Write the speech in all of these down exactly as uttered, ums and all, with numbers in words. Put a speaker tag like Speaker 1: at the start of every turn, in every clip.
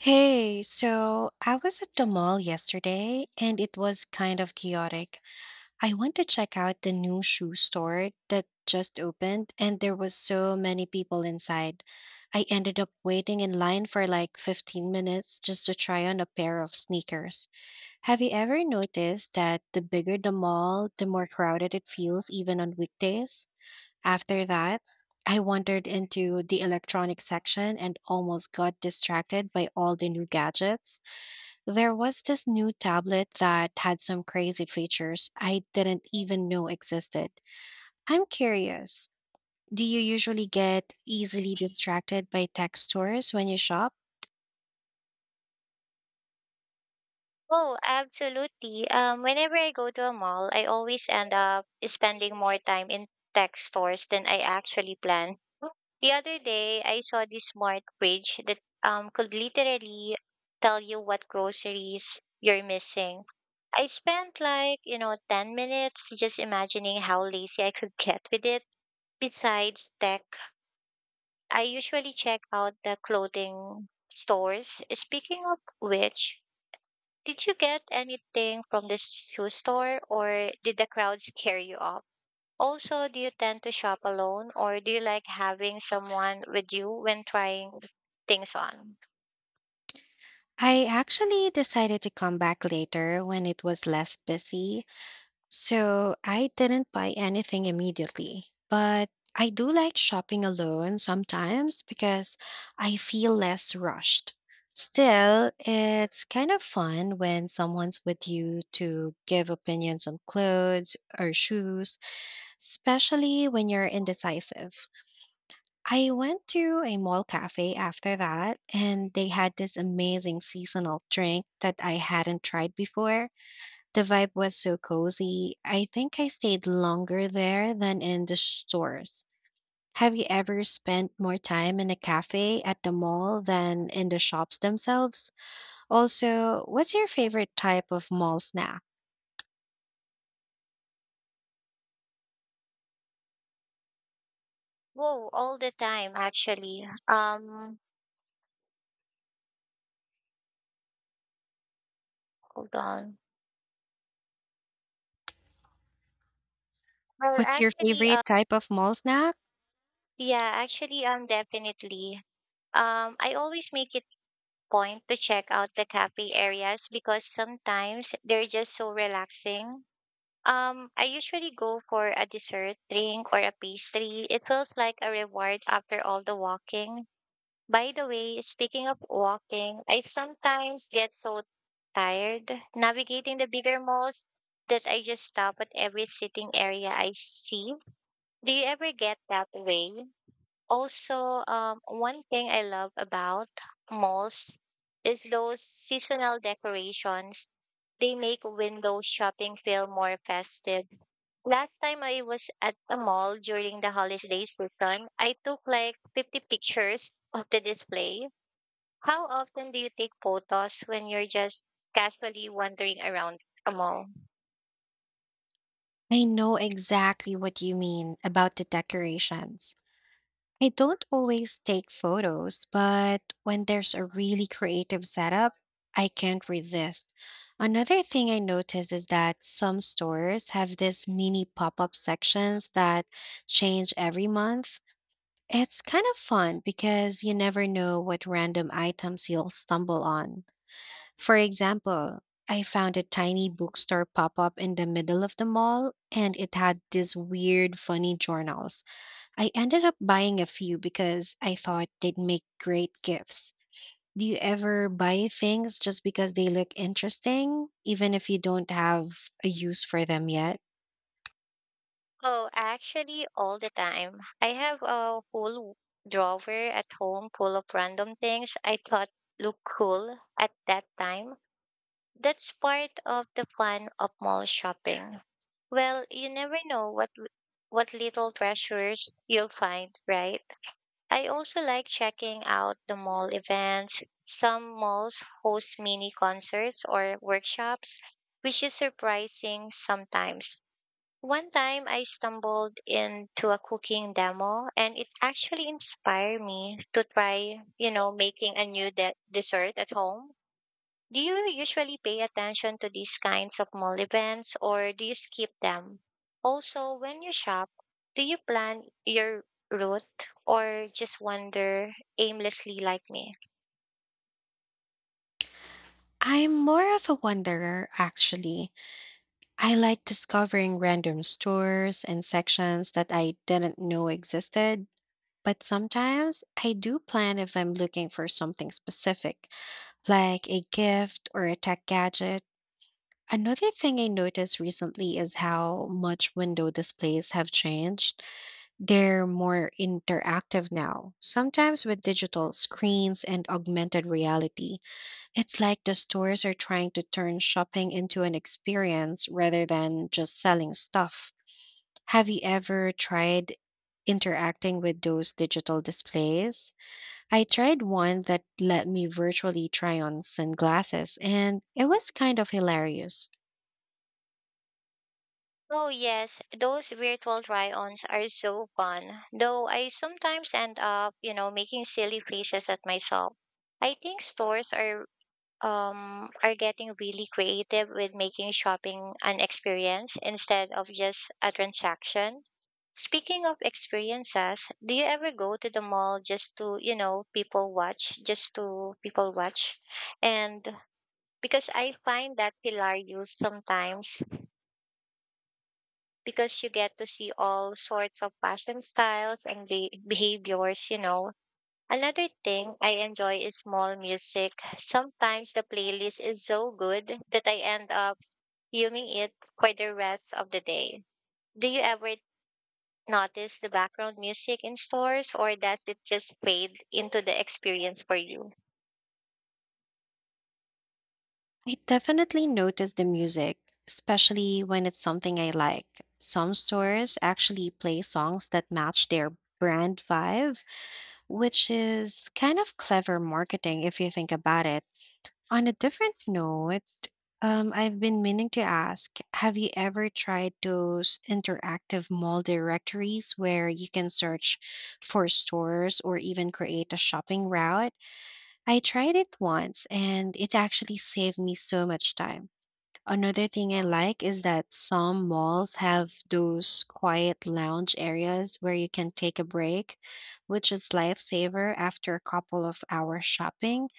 Speaker 1: Hey, so I was at the mall yesterday and it was kind of chaotic. I went to check out the new shoe store that just opened and there was so many people inside. I ended up waiting in line for like fifteen minutes just to try on a pair of sneakers. Have you ever noticed that the bigger the mall, the more crowded it feels even on weekdays? After that, I wandered into the electronics section and almost got distracted by all the new gadgets. There was this new tablet that had some crazy features I didn't even know existed. I'm curious, do you usually get easily distracted by tech stores when you shop?
Speaker 2: Oh, absolutely. Um, whenever I go to a mall, I always end up spending more time in tech stores than I actually planned. The other day, I saw this smart fridge that um, could literally tell you what groceries you're missing. I spent like, you know, ten minutes just imagining how lazy I could get with it. Besides tech, I usually check out the clothing stores. Speaking of which, did you get anything from the shoe store or did the crowd scare you off? Also, do you tend to shop alone or do you like having someone with you when trying things on?
Speaker 1: I actually decided to come back later when it was less busy. So I didn't buy anything immediately, but I do like shopping alone sometimes because I feel less rushed. Still, it's kind of fun when someone's with you to give opinions on clothes or shoes, especially when you're indecisive. I went to a mall cafe after that, and they had this amazing seasonal drink that I hadn't tried before. The vibe was so cozy. I think I stayed longer there than in the stores. Have you ever spent more time in a cafe at the mall than in the shops themselves? Also, what's your favorite type of mall snack?
Speaker 2: Whoa, all the time actually. Um hold on. Well
Speaker 1: What's your
Speaker 2: actually uh
Speaker 1: favorite type of mall snack?
Speaker 2: Yeah, actually um definitely. Um I always make it point to check out the cafe areas because sometimes they're just so relaxing. Um, I usually go for a dessert, drink, or a pastry. It feels like a reward after all the walking. By the way, speaking of walking, I sometimes get so tired navigating the bigger malls that I just stop at every sitting area I see. Do you ever get that way? Also, um, one thing I love about malls is those seasonal decorations. They make window shopping feel more festive. Last time I was at a mall during the holiday season, I took like fifty pictures of the display. How often do you take photos when you're just casually wandering around a mall?
Speaker 1: I know exactly what you mean about the decorations. I don't always take photos, but when there's a really creative setup, I can't resist. Another thing I notice is that some stores have these mini pop up sections that change every month. It's kind of fun because you never know what random items you'll stumble on. For example, I found a tiny bookstore pop up in the middle of the mall and it had these weird, funny journals. I ended up buying a few because I thought they'd make great gifts. Do you ever buy things just because they look interesting, even if you don't have a use for them yet?
Speaker 2: Oh, actually, all the time. I have a whole drawer at home full of random things I thought looked cool at that time. That's part of the fun of mall shopping. Well, you never know what what little treasures you'll find, right? I also like checking out the mall events. Some malls host mini concerts or workshops, which is surprising sometimes. One time I stumbled into a cooking demo and it actually inspired me to try, you know, making a new de- dessert at home. Do you usually pay attention to these kinds of mall events or do you skip them? Also, when you shop, do you plan your route or just wander aimlessly like me?
Speaker 1: I'm more of a wanderer, actually. I like discovering random stores and sections that I didn't know existed. But sometimes I do plan if I'm looking for something specific, like a gift or a tech gadget. Another thing I noticed recently is how much window displays have changed. They're more interactive now, sometimes with digital screens and augmented reality. It's like the stores are trying to turn shopping into an experience rather than just selling stuff. Have you ever tried interacting with those digital displays? I tried one that let me virtually try on sunglasses, and it was kind of hilarious.
Speaker 2: Oh, yes, those virtual try ons are so fun, though I sometimes end up, you know, making silly faces at myself. I think stores are um are getting really creative with making shopping an experience instead of just a transaction. Speaking of experiences, do you ever go to the mall just to, you know, people watch, just to people watch? And because I find that hilarious sometimes because you get to see all sorts of fashion styles and be- behaviors, you know. Another thing I enjoy is mall music. Sometimes the playlist is so good that I end up fuming it for the rest of the day. Do you ever notice the background music in stores, or does it just fade into the experience for you?
Speaker 1: I definitely notice the music, especially when it's something I like. Some stores actually play songs that match their brand vibe, which is kind of clever marketing if you think about it. On a different note, um, I've been meaning to ask. Have you ever tried those interactive mall directories where you can search for stores or even create a shopping route? I tried it once and it actually saved me so much time. Another thing I like is that some malls have those quiet lounge areas where you can take a break, which is lifesaver after a couple of hours shopping.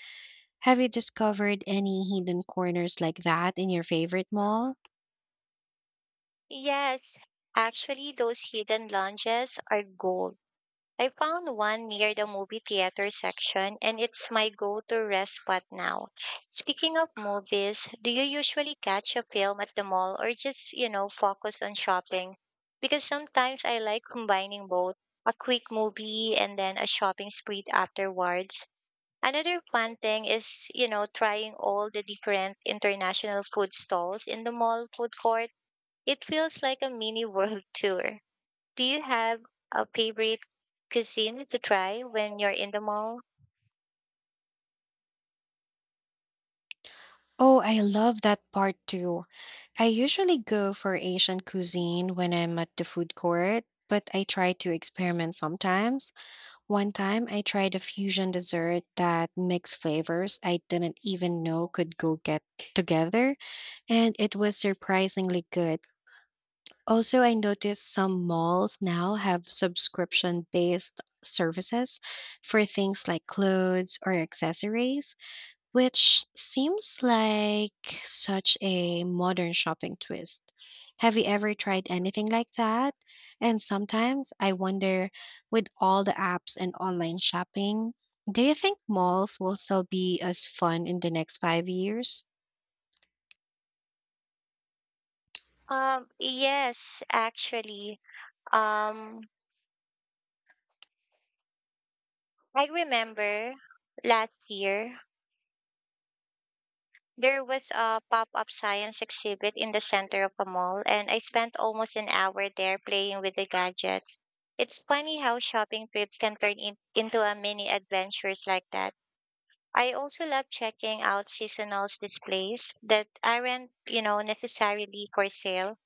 Speaker 1: Have you discovered any hidden corners like that in your favorite mall?
Speaker 2: Yes, actually, those hidden lounges are gold. I found one near the movie theater section, and it's my go to rest spot now. Speaking of movies, do you usually catch a film at the mall or just, you know, focus on shopping? Because sometimes I like combining both a quick movie and then a shopping spree afterwards. Another fun thing is, you know, trying all the different international food stalls in the mall food court. It feels like a mini world tour. Do you have a favorite cuisine to try when you're in the mall?
Speaker 1: Oh, I love that part too. I usually go for Asian cuisine when I'm at the food court, but I try to experiment sometimes. One time I tried a fusion dessert that mixed flavors I didn't even know could go get together, and it was surprisingly good. Also, I noticed some malls now have subscription based services for things like clothes or accessories, which seems like such a modern shopping twist. Have you ever tried anything like that? And sometimes I wonder, with all the apps and online shopping, do you think malls will still be as fun in the next five years?
Speaker 2: Um, yes, actually. Um, I remember last year there was a pop up science exhibit in the center of a mall, and I spent almost an hour there playing with the gadgets. It's funny how shopping trips can turn in, into a mini adventures like that. I also love checking out seasonal displays that aren't, you know, necessarily for sale.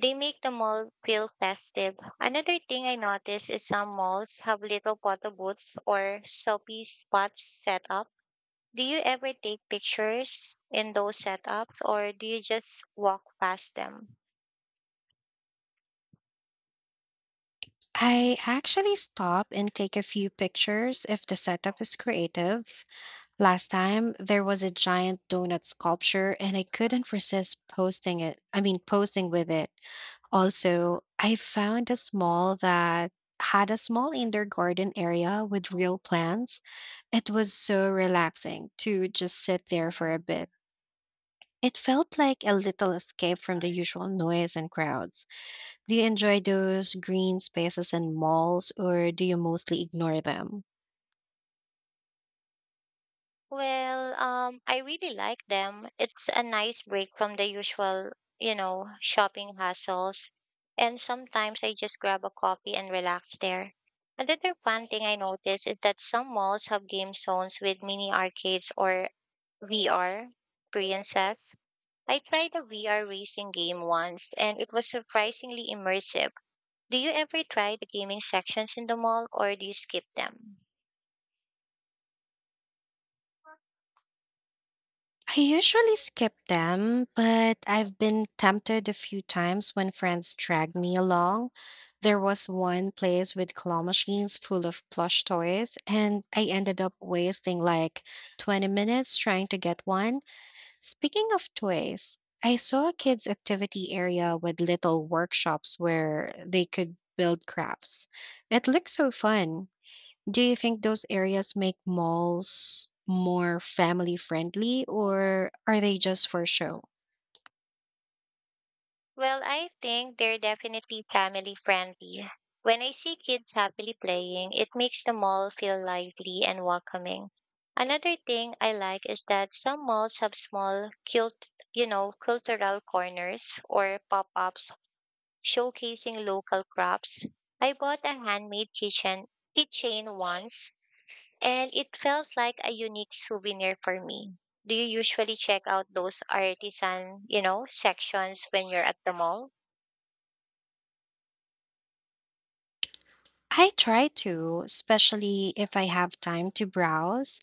Speaker 2: They make the mall feel festive. Another thing I noticed is some malls have little photo booths or selfie spots set up. Do you ever take pictures in those setups or do you just walk past them?
Speaker 1: I actually stop and take a few pictures if the setup is creative. Last time there was a giant donut sculpture and I couldn't resist posting it. I mean, posing with it. Also, I found a small that had a small indoor garden area with real plants. It was so relaxing to just sit there for a bit. It felt like a little escape from the usual noise and crowds. Do you enjoy those green spaces in malls or do you mostly ignore them?
Speaker 2: Well, um, I really like them. It's a nice break from the usual, you know, shopping hassles. And sometimes I just grab a coffee and relax there. Another fun thing I noticed is that some malls have game zones with mini arcades or V R experiences. I tried a V R racing game once and it was surprisingly immersive. Do you ever try the gaming sections in the mall or do you skip them?
Speaker 1: I usually skip them, but I've been tempted a few times when friends dragged me along. There was one place with claw machines full of plush toys, and I ended up wasting like twenty minutes trying to get one. Speaking of toys, I saw a kids' activity area with little workshops where they could build crafts. It looked so fun. Do you think those areas make malls more family friendly or are they just for show?
Speaker 2: Well, I think they're definitely family friendly. When I see kids happily playing, it makes the mall feel lively and welcoming. Another thing I like is that some malls have small cult, you know, cultural corners or pop-ups showcasing local crafts. I bought a handmade kitchen keychain once and it felt like a unique souvenir for me. Do you usually check out those artisan, you know, sections when you're at the mall?
Speaker 1: I try to, especially if I have time to browse.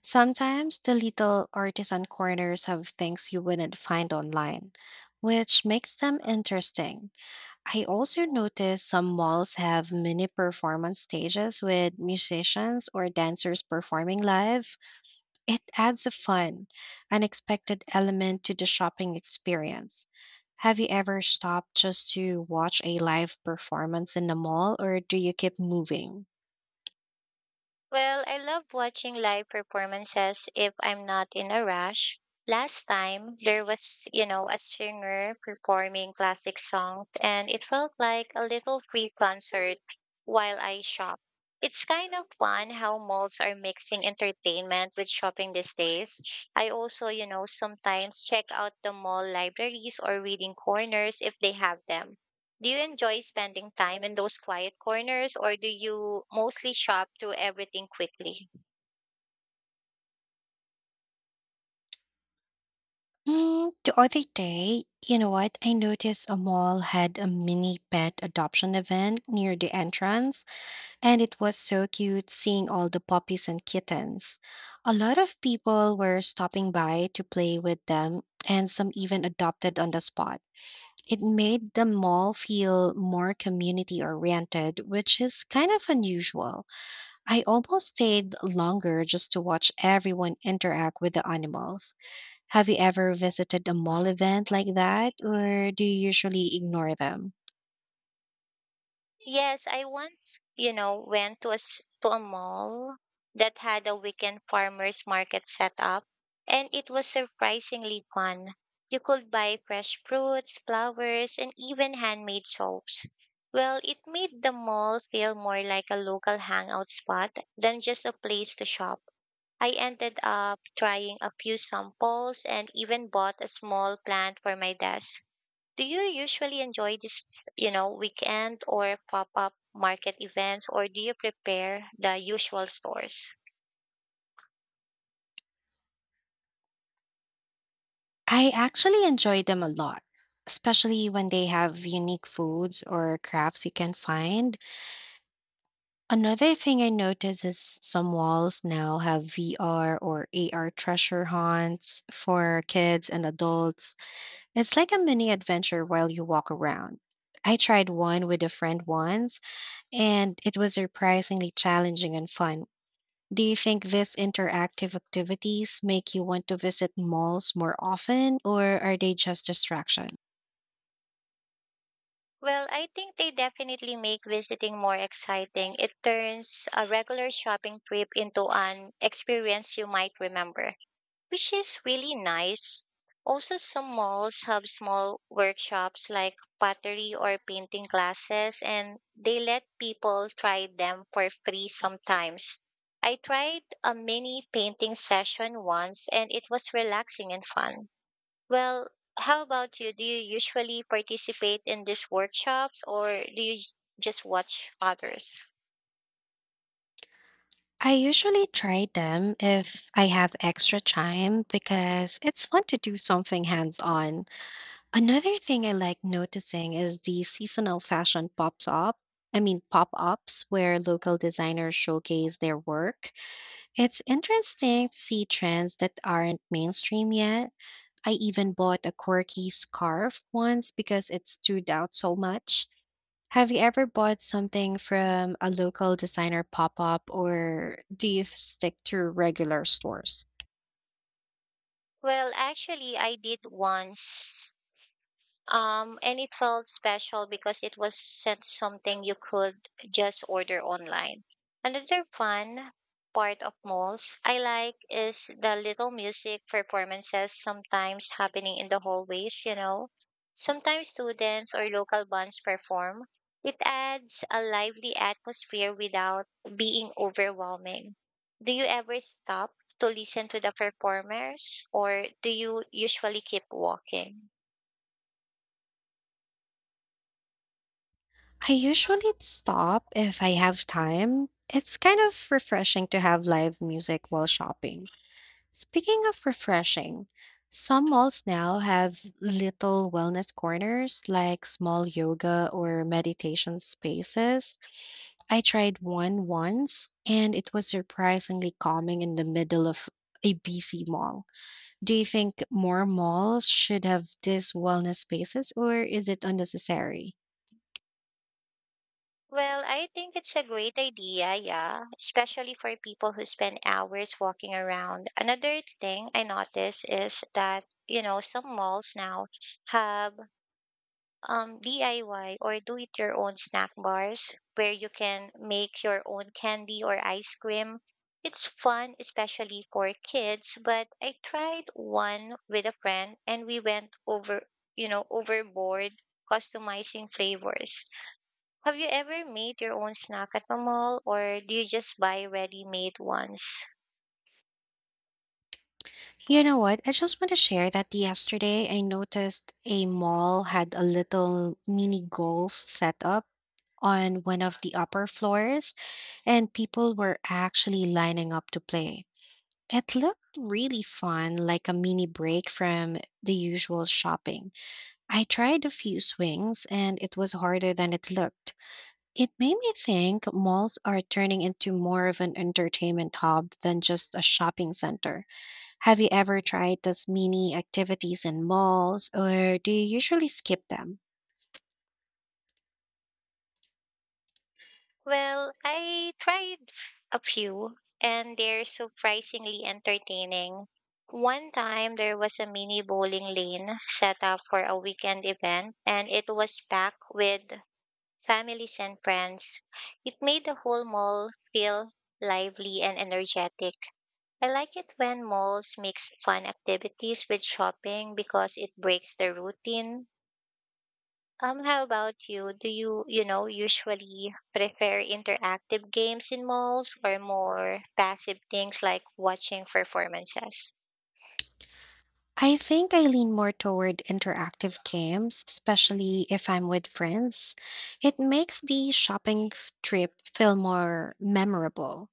Speaker 1: Sometimes the little artisan corners have things you wouldn't find online, which makes them interesting. I also notice some malls have mini performance stages with musicians or dancers performing live. It adds a fun, unexpected element to the shopping experience. Have you ever stopped just to watch a live performance in the mall, or do you keep moving?
Speaker 2: Well, I love watching live performances if I'm not in a rush. Last time there was, you know, a singer performing classic songs and it felt like a little free concert while I shop. It's kind of fun how malls are mixing entertainment with shopping these days. I also, you know, sometimes check out the mall libraries or reading corners if they have them. Do you enjoy spending time in those quiet corners or do you mostly shop through everything quickly?
Speaker 1: Mm, the other day, you know what? I noticed a mall had a mini pet adoption event near the entrance, and it was so cute seeing all the puppies and kittens. A lot of people were stopping by to play with them, and some even adopted on the spot. It made the mall feel more community oriented, which is kind of unusual. I almost stayed longer just to watch everyone interact with the animals. Have you ever visited a mall event like that, or do you usually ignore them?
Speaker 2: Yes, I once, you know, went to a s- to a mall that had a weekend farmers market set up and it was surprisingly fun. You could buy fresh fruits, flowers, and even handmade soaps. Well, it made the mall feel more like a local hangout spot than just a place to shop. I ended up trying a few samples and even bought a small plant for my desk. Do you usually enjoy this, you know, weekend or pop-up market events or do you prepare the usual stores?
Speaker 1: I actually enjoy them a lot, especially when they have unique foods or crafts you can find. Another thing I notice is some malls now have V R or A R treasure hunts for kids and adults. It's like a mini adventure while you walk around. I tried one with a friend once, and it was surprisingly challenging and fun. Do you think these interactive activities make you want to visit malls more often, or are they just distraction?
Speaker 2: Well, I think they definitely make visiting more exciting. It turns a regular shopping trip into an experience you might remember, which is really nice. Also, some malls have small workshops like pottery or painting classes, and they let people try them for free sometimes. I tried a mini painting session once, and it was relaxing and fun. Well, how about you? Do you usually participate in these workshops or do you just watch others?
Speaker 1: I usually try them if I have extra time because it's fun to do something hands on. Another thing I like noticing is the seasonal fashion pops up. I mean, pop ups where local designers showcase their work. It's interesting to see trends that aren't mainstream yet. I even bought a quirky scarf once because it stood out so much. Have you ever bought something from a local designer pop up, or do you stick to regular stores?
Speaker 2: Well, actually, I did once. Um, and it felt special because it was sent something you could just order online. Another fun part of malls I like is the little music performances sometimes happening in the hallways, you know. Sometimes students or local bands perform. It adds a lively atmosphere without being overwhelming. Do you ever stop to listen to the performers or do you usually keep walking?
Speaker 1: I usually stop if I have time. It's kind of refreshing to have live music while shopping. Speaking of refreshing, some malls now have little wellness corners like small yoga or meditation spaces. I tried one once and it was surprisingly calming in the middle of a busy mall. Do you think more malls should have these wellness spaces or is it unnecessary?
Speaker 2: Well, I think it's a great idea, yeah, especially for people who spend hours walking around. Another thing I noticed is that, you know, some malls now have um, D I Y or do it your own snack bars where you can make your own candy or ice cream. It's fun, especially for kids, but I tried one with a friend and we went over, you know, overboard customizing flavors. Have you ever made your own snack at the mall or do you just buy ready-made ones?
Speaker 1: You know what? I just want to share that yesterday I noticed a mall had a little mini golf set up on one of the upper floors, and people were actually lining up to play. It looked really fun, like a mini break from the usual shopping. I tried a few swings, and it was harder than it looked. It made me think malls are turning into more of an entertainment hub than just a shopping center. Have you ever tried those mini activities in malls, or do you usually skip them?
Speaker 2: Well, I tried a few and they're surprisingly entertaining. One time there was a mini bowling lane set up for a weekend event and it was packed with families and friends. It made the whole mall feel lively and energetic. I like it when malls mix fun activities with shopping because it breaks the routine. Um, how about you? Do you, you know, usually prefer interactive games in malls or more passive things like watching performances?
Speaker 1: I think I lean more toward interactive games, especially if I'm with friends. It makes the shopping f- trip feel more memorable.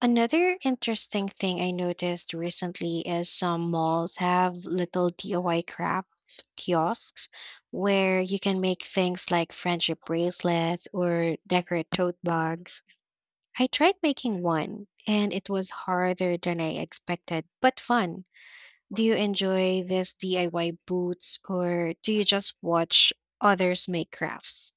Speaker 1: Another interesting thing I noticed recently is some malls have little D I Y craft kiosks where you can make things like friendship bracelets or decorate tote bags. I tried making one, and it was harder than I expected, but fun. Do you enjoy this D I Y boots or do you just watch others make crafts?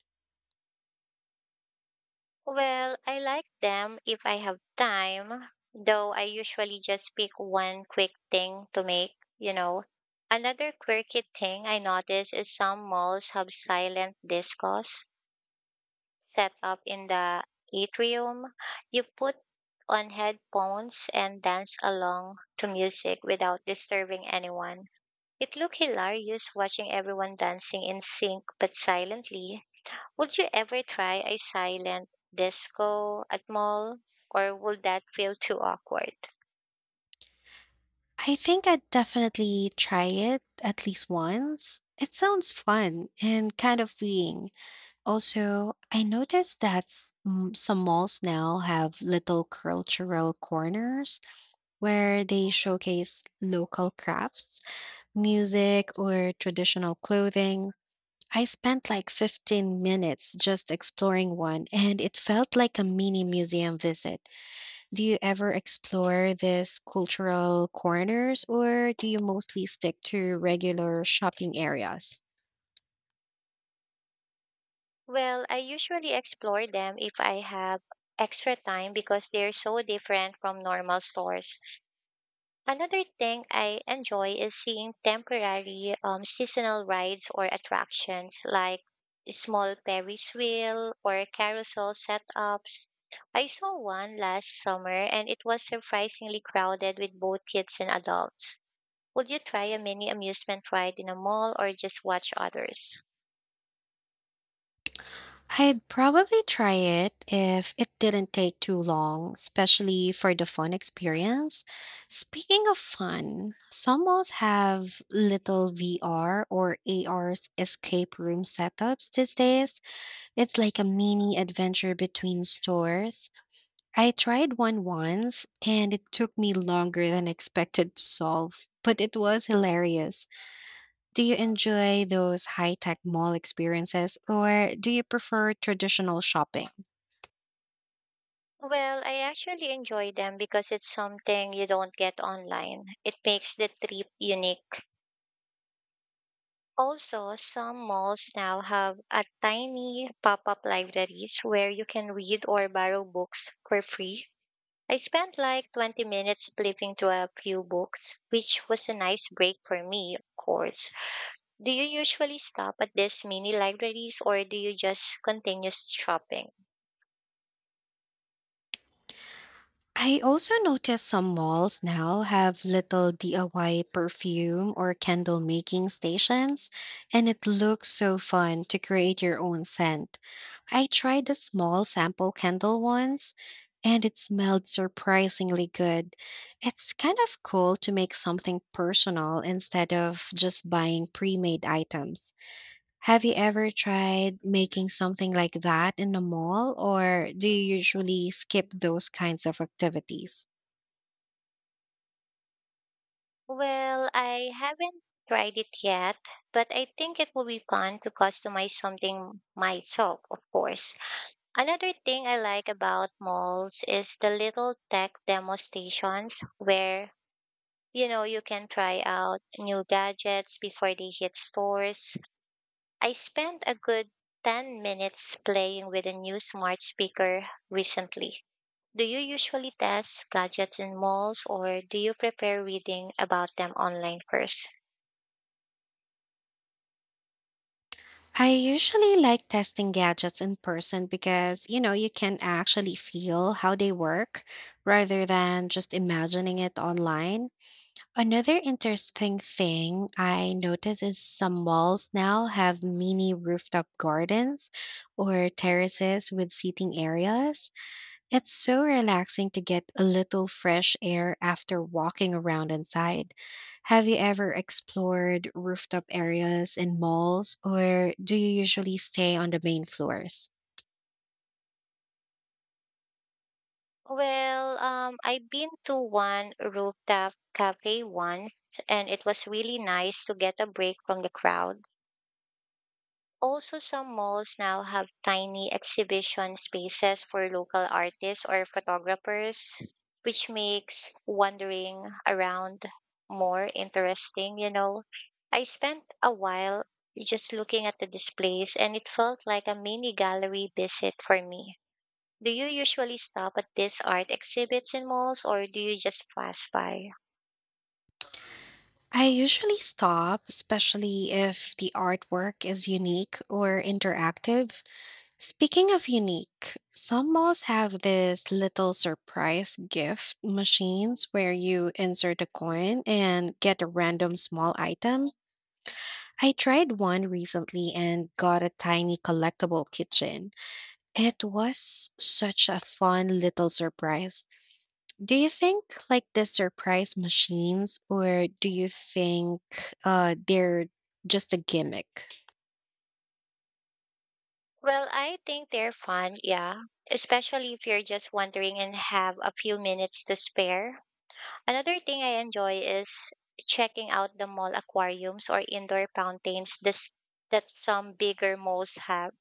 Speaker 2: Well, I like them if I have time, though I usually just pick one quick thing to make, you know. Another quirky thing I notice is some malls have silent discos set up in the atrium. You put on headphones and dance along to music without disturbing anyone. It looked hilarious watching everyone dancing in sync but silently. Would you ever try a silent disco at mall or would that feel too awkward?
Speaker 1: I think I'd definitely try it at least once. It sounds fun and kind of freeing. Also, I noticed that s- m- some malls now have little cultural corners where they showcase local crafts, music, or traditional clothing. I spent like fifteen minutes just exploring one, and it felt like a mini museum visit. Do you ever explore these cultural corners, or do you mostly stick to regular shopping areas?
Speaker 2: Well, I usually explore them if I have extra time because they're so different from normal stores. Another thing I enjoy is seeing temporary um, seasonal rides or attractions like small Ferris wheel or carousel setups. I saw one last summer and it was surprisingly crowded with both kids and adults. Would you try a mini amusement ride in a mall or just watch others?
Speaker 1: I'd probably try it if it didn't take too long, especially for the fun experience. Speaking of fun, some malls have little V R or A R escape room setups these days. It's like a mini adventure between stores. I tried one once and it took me longer than expected to solve, but it was hilarious. Do you enjoy those high tech mall experiences or do you prefer traditional shopping?
Speaker 2: Well, I actually enjoy them because it's something you don't get online. It makes the trip unique. Also, some malls now have a tiny pop-up libraries where you can read or borrow books for free. I spent like twenty minutes flipping through a few books, which was a nice break for me, of course. Do you usually stop at these mini libraries or do you just continue shopping?
Speaker 1: I also notice some malls now have little D I Y perfume or candle making stations, and it looks so fun to create your own scent. I tried a small sample candle once, and it smelled surprisingly good. It's kind of cool to make something personal instead of just buying pre made items. Have you ever tried making something like that in a mall, or do you usually skip those kinds of activities?
Speaker 2: Well, I haven't tried it yet, but I think it will be fun to customize something myself, of course. Another thing I like about malls is the little tech demo stations where, you know, you can try out new gadgets before they hit stores. I spent a good ten minutes playing with a new smart speaker recently. Do you usually test gadgets in malls or do you prepare reading about them online first?
Speaker 1: I usually like testing gadgets in person because, you know, you can actually feel how they work rather than just imagining it online. Another interesting thing I notice is some malls now have mini rooftop gardens or terraces with seating areas. It's so relaxing to get a little fresh air after walking around inside. Have you ever explored rooftop areas in malls, or do you usually stay on the main floors?
Speaker 2: Well, um, I've been to one rooftop cafe once and it was really nice to get a break from the crowd. Also, some malls now have tiny exhibition spaces for local artists or photographers, which makes wandering around more interesting. You know, I spent a while just looking at the displays and it felt like a mini gallery visit for me. Do you usually stop at these art exhibits in malls or do you just pass by?
Speaker 1: I usually stop, especially if the artwork is unique or interactive. Speaking of unique, some malls have this little surprise gift machines where you insert a coin and get a random small item. I tried one recently and got a tiny collectible kitchen. It was such a fun little surprise. Do you think like the surprise machines or do you think uh they're just a gimmick?
Speaker 2: Well, I think they're fun, yeah, especially if you're just wandering and have a few minutes to spare. Another thing I enjoy is checking out the mall aquariums or indoor fountains this, that some bigger malls have.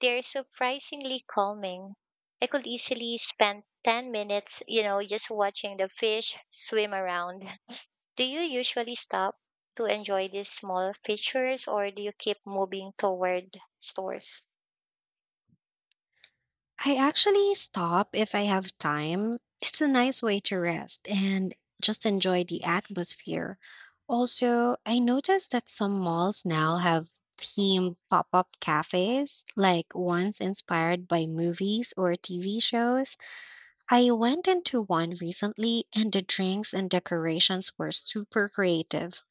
Speaker 2: They're surprisingly calming. I could easily spend ten minutes, you know, just watching the fish swim around. Do you usually stop to enjoy these small features or do you keep moving toward stores?
Speaker 1: I actually stop if I have time. It's a nice way to rest and just enjoy the atmosphere. Also, I noticed that some malls now have themed pop up cafes, like ones inspired by movies or T V shows. I went into one recently, and the drinks and decorations were super creative.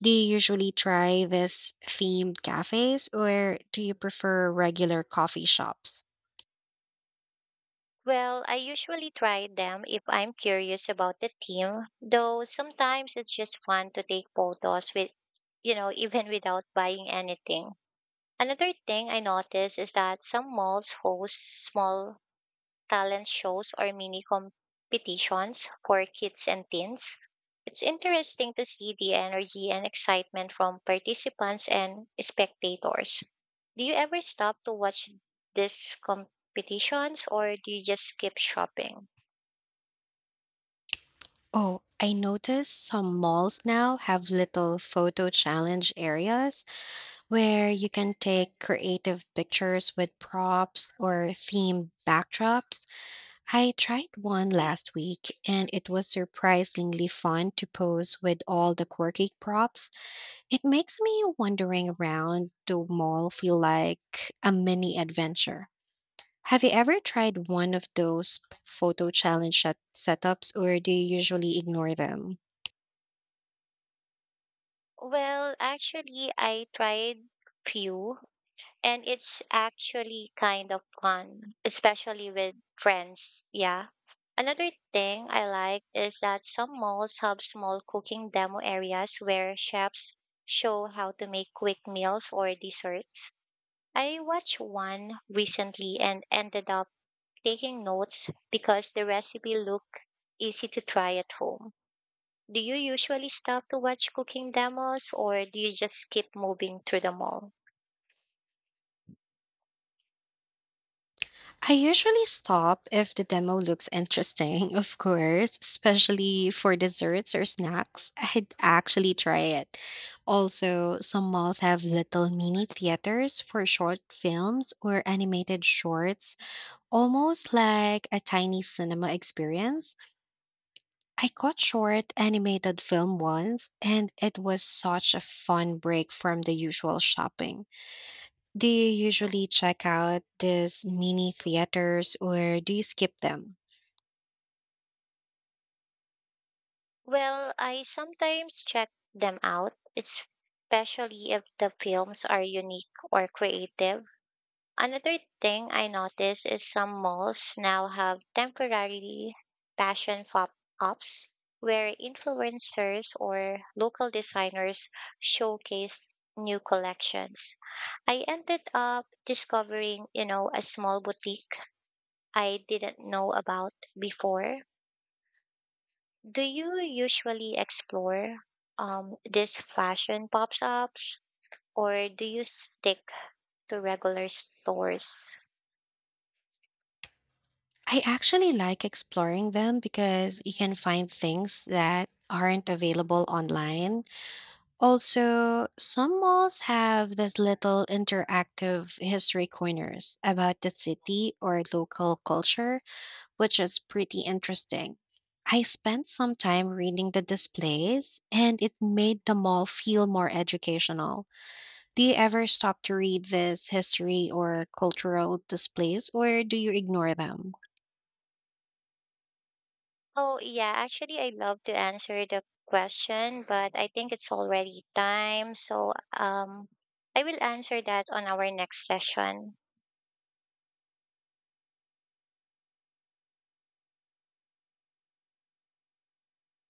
Speaker 1: Do you usually try this themed cafes, or do you prefer regular coffee shops?
Speaker 2: Well, I usually try them if I'm curious about the team, though sometimes it's just fun to take photos with, you know, even without buying anything. Another thing I noticed is that some malls host small talent shows or mini competitions for kids and teens. It's interesting to see the energy and excitement from participants and spectators. Do you ever stop to watch these competitions or do you just keep shopping?
Speaker 1: Oh, I noticed some malls now have little photo challenge areas where you can take creative pictures with props or themed backdrops. I tried one last week and it was surprisingly fun to pose with all the quirky props. It makes me wandering around the mall feel like a mini adventure. Have you ever tried one of those p- photo challenge set- setups or do you usually ignore them?
Speaker 2: Well, actually, I tried few and it's actually kind of fun, especially with friends. Yeah. Another thing I like is that some malls have small cooking demo areas where chefs show how to make quick meals or desserts. I watched one recently and ended up taking notes because the recipe looked easy to try at home. Do you usually stop to watch cooking demos or do you just keep moving through the mall?
Speaker 1: I usually stop if the demo looks interesting, of course, especially for desserts or snacks. I'd actually try it. Also, some malls have little mini theaters for short films or animated shorts, almost like a tiny cinema experience. I caught short animated film once, and it was such a fun break from the usual shopping. Do you usually check out these mini theaters or do you skip them?
Speaker 2: Well, I sometimes check them out, especially if the films are unique or creative. Another thing I noticed is some malls now have temporary fashion pop-ups where influencers or local designers showcase new collections. I ended up discovering, you know, a small boutique I didn't know about before. Do you usually explore um, these fashion pop-ups or do you stick to regular stores?
Speaker 1: I actually like exploring them because you can find things that aren't available online. Also, some malls have these little interactive history corners about the city or local culture, which is pretty interesting. I spent some time reading the displays and it made the mall feel more educational. Do you ever stop to read this history or cultural displays, or do you ignore them?
Speaker 2: Oh, yeah. Actually, I love to answer the question, but I think it's already time. So, um, I will answer that on our next session.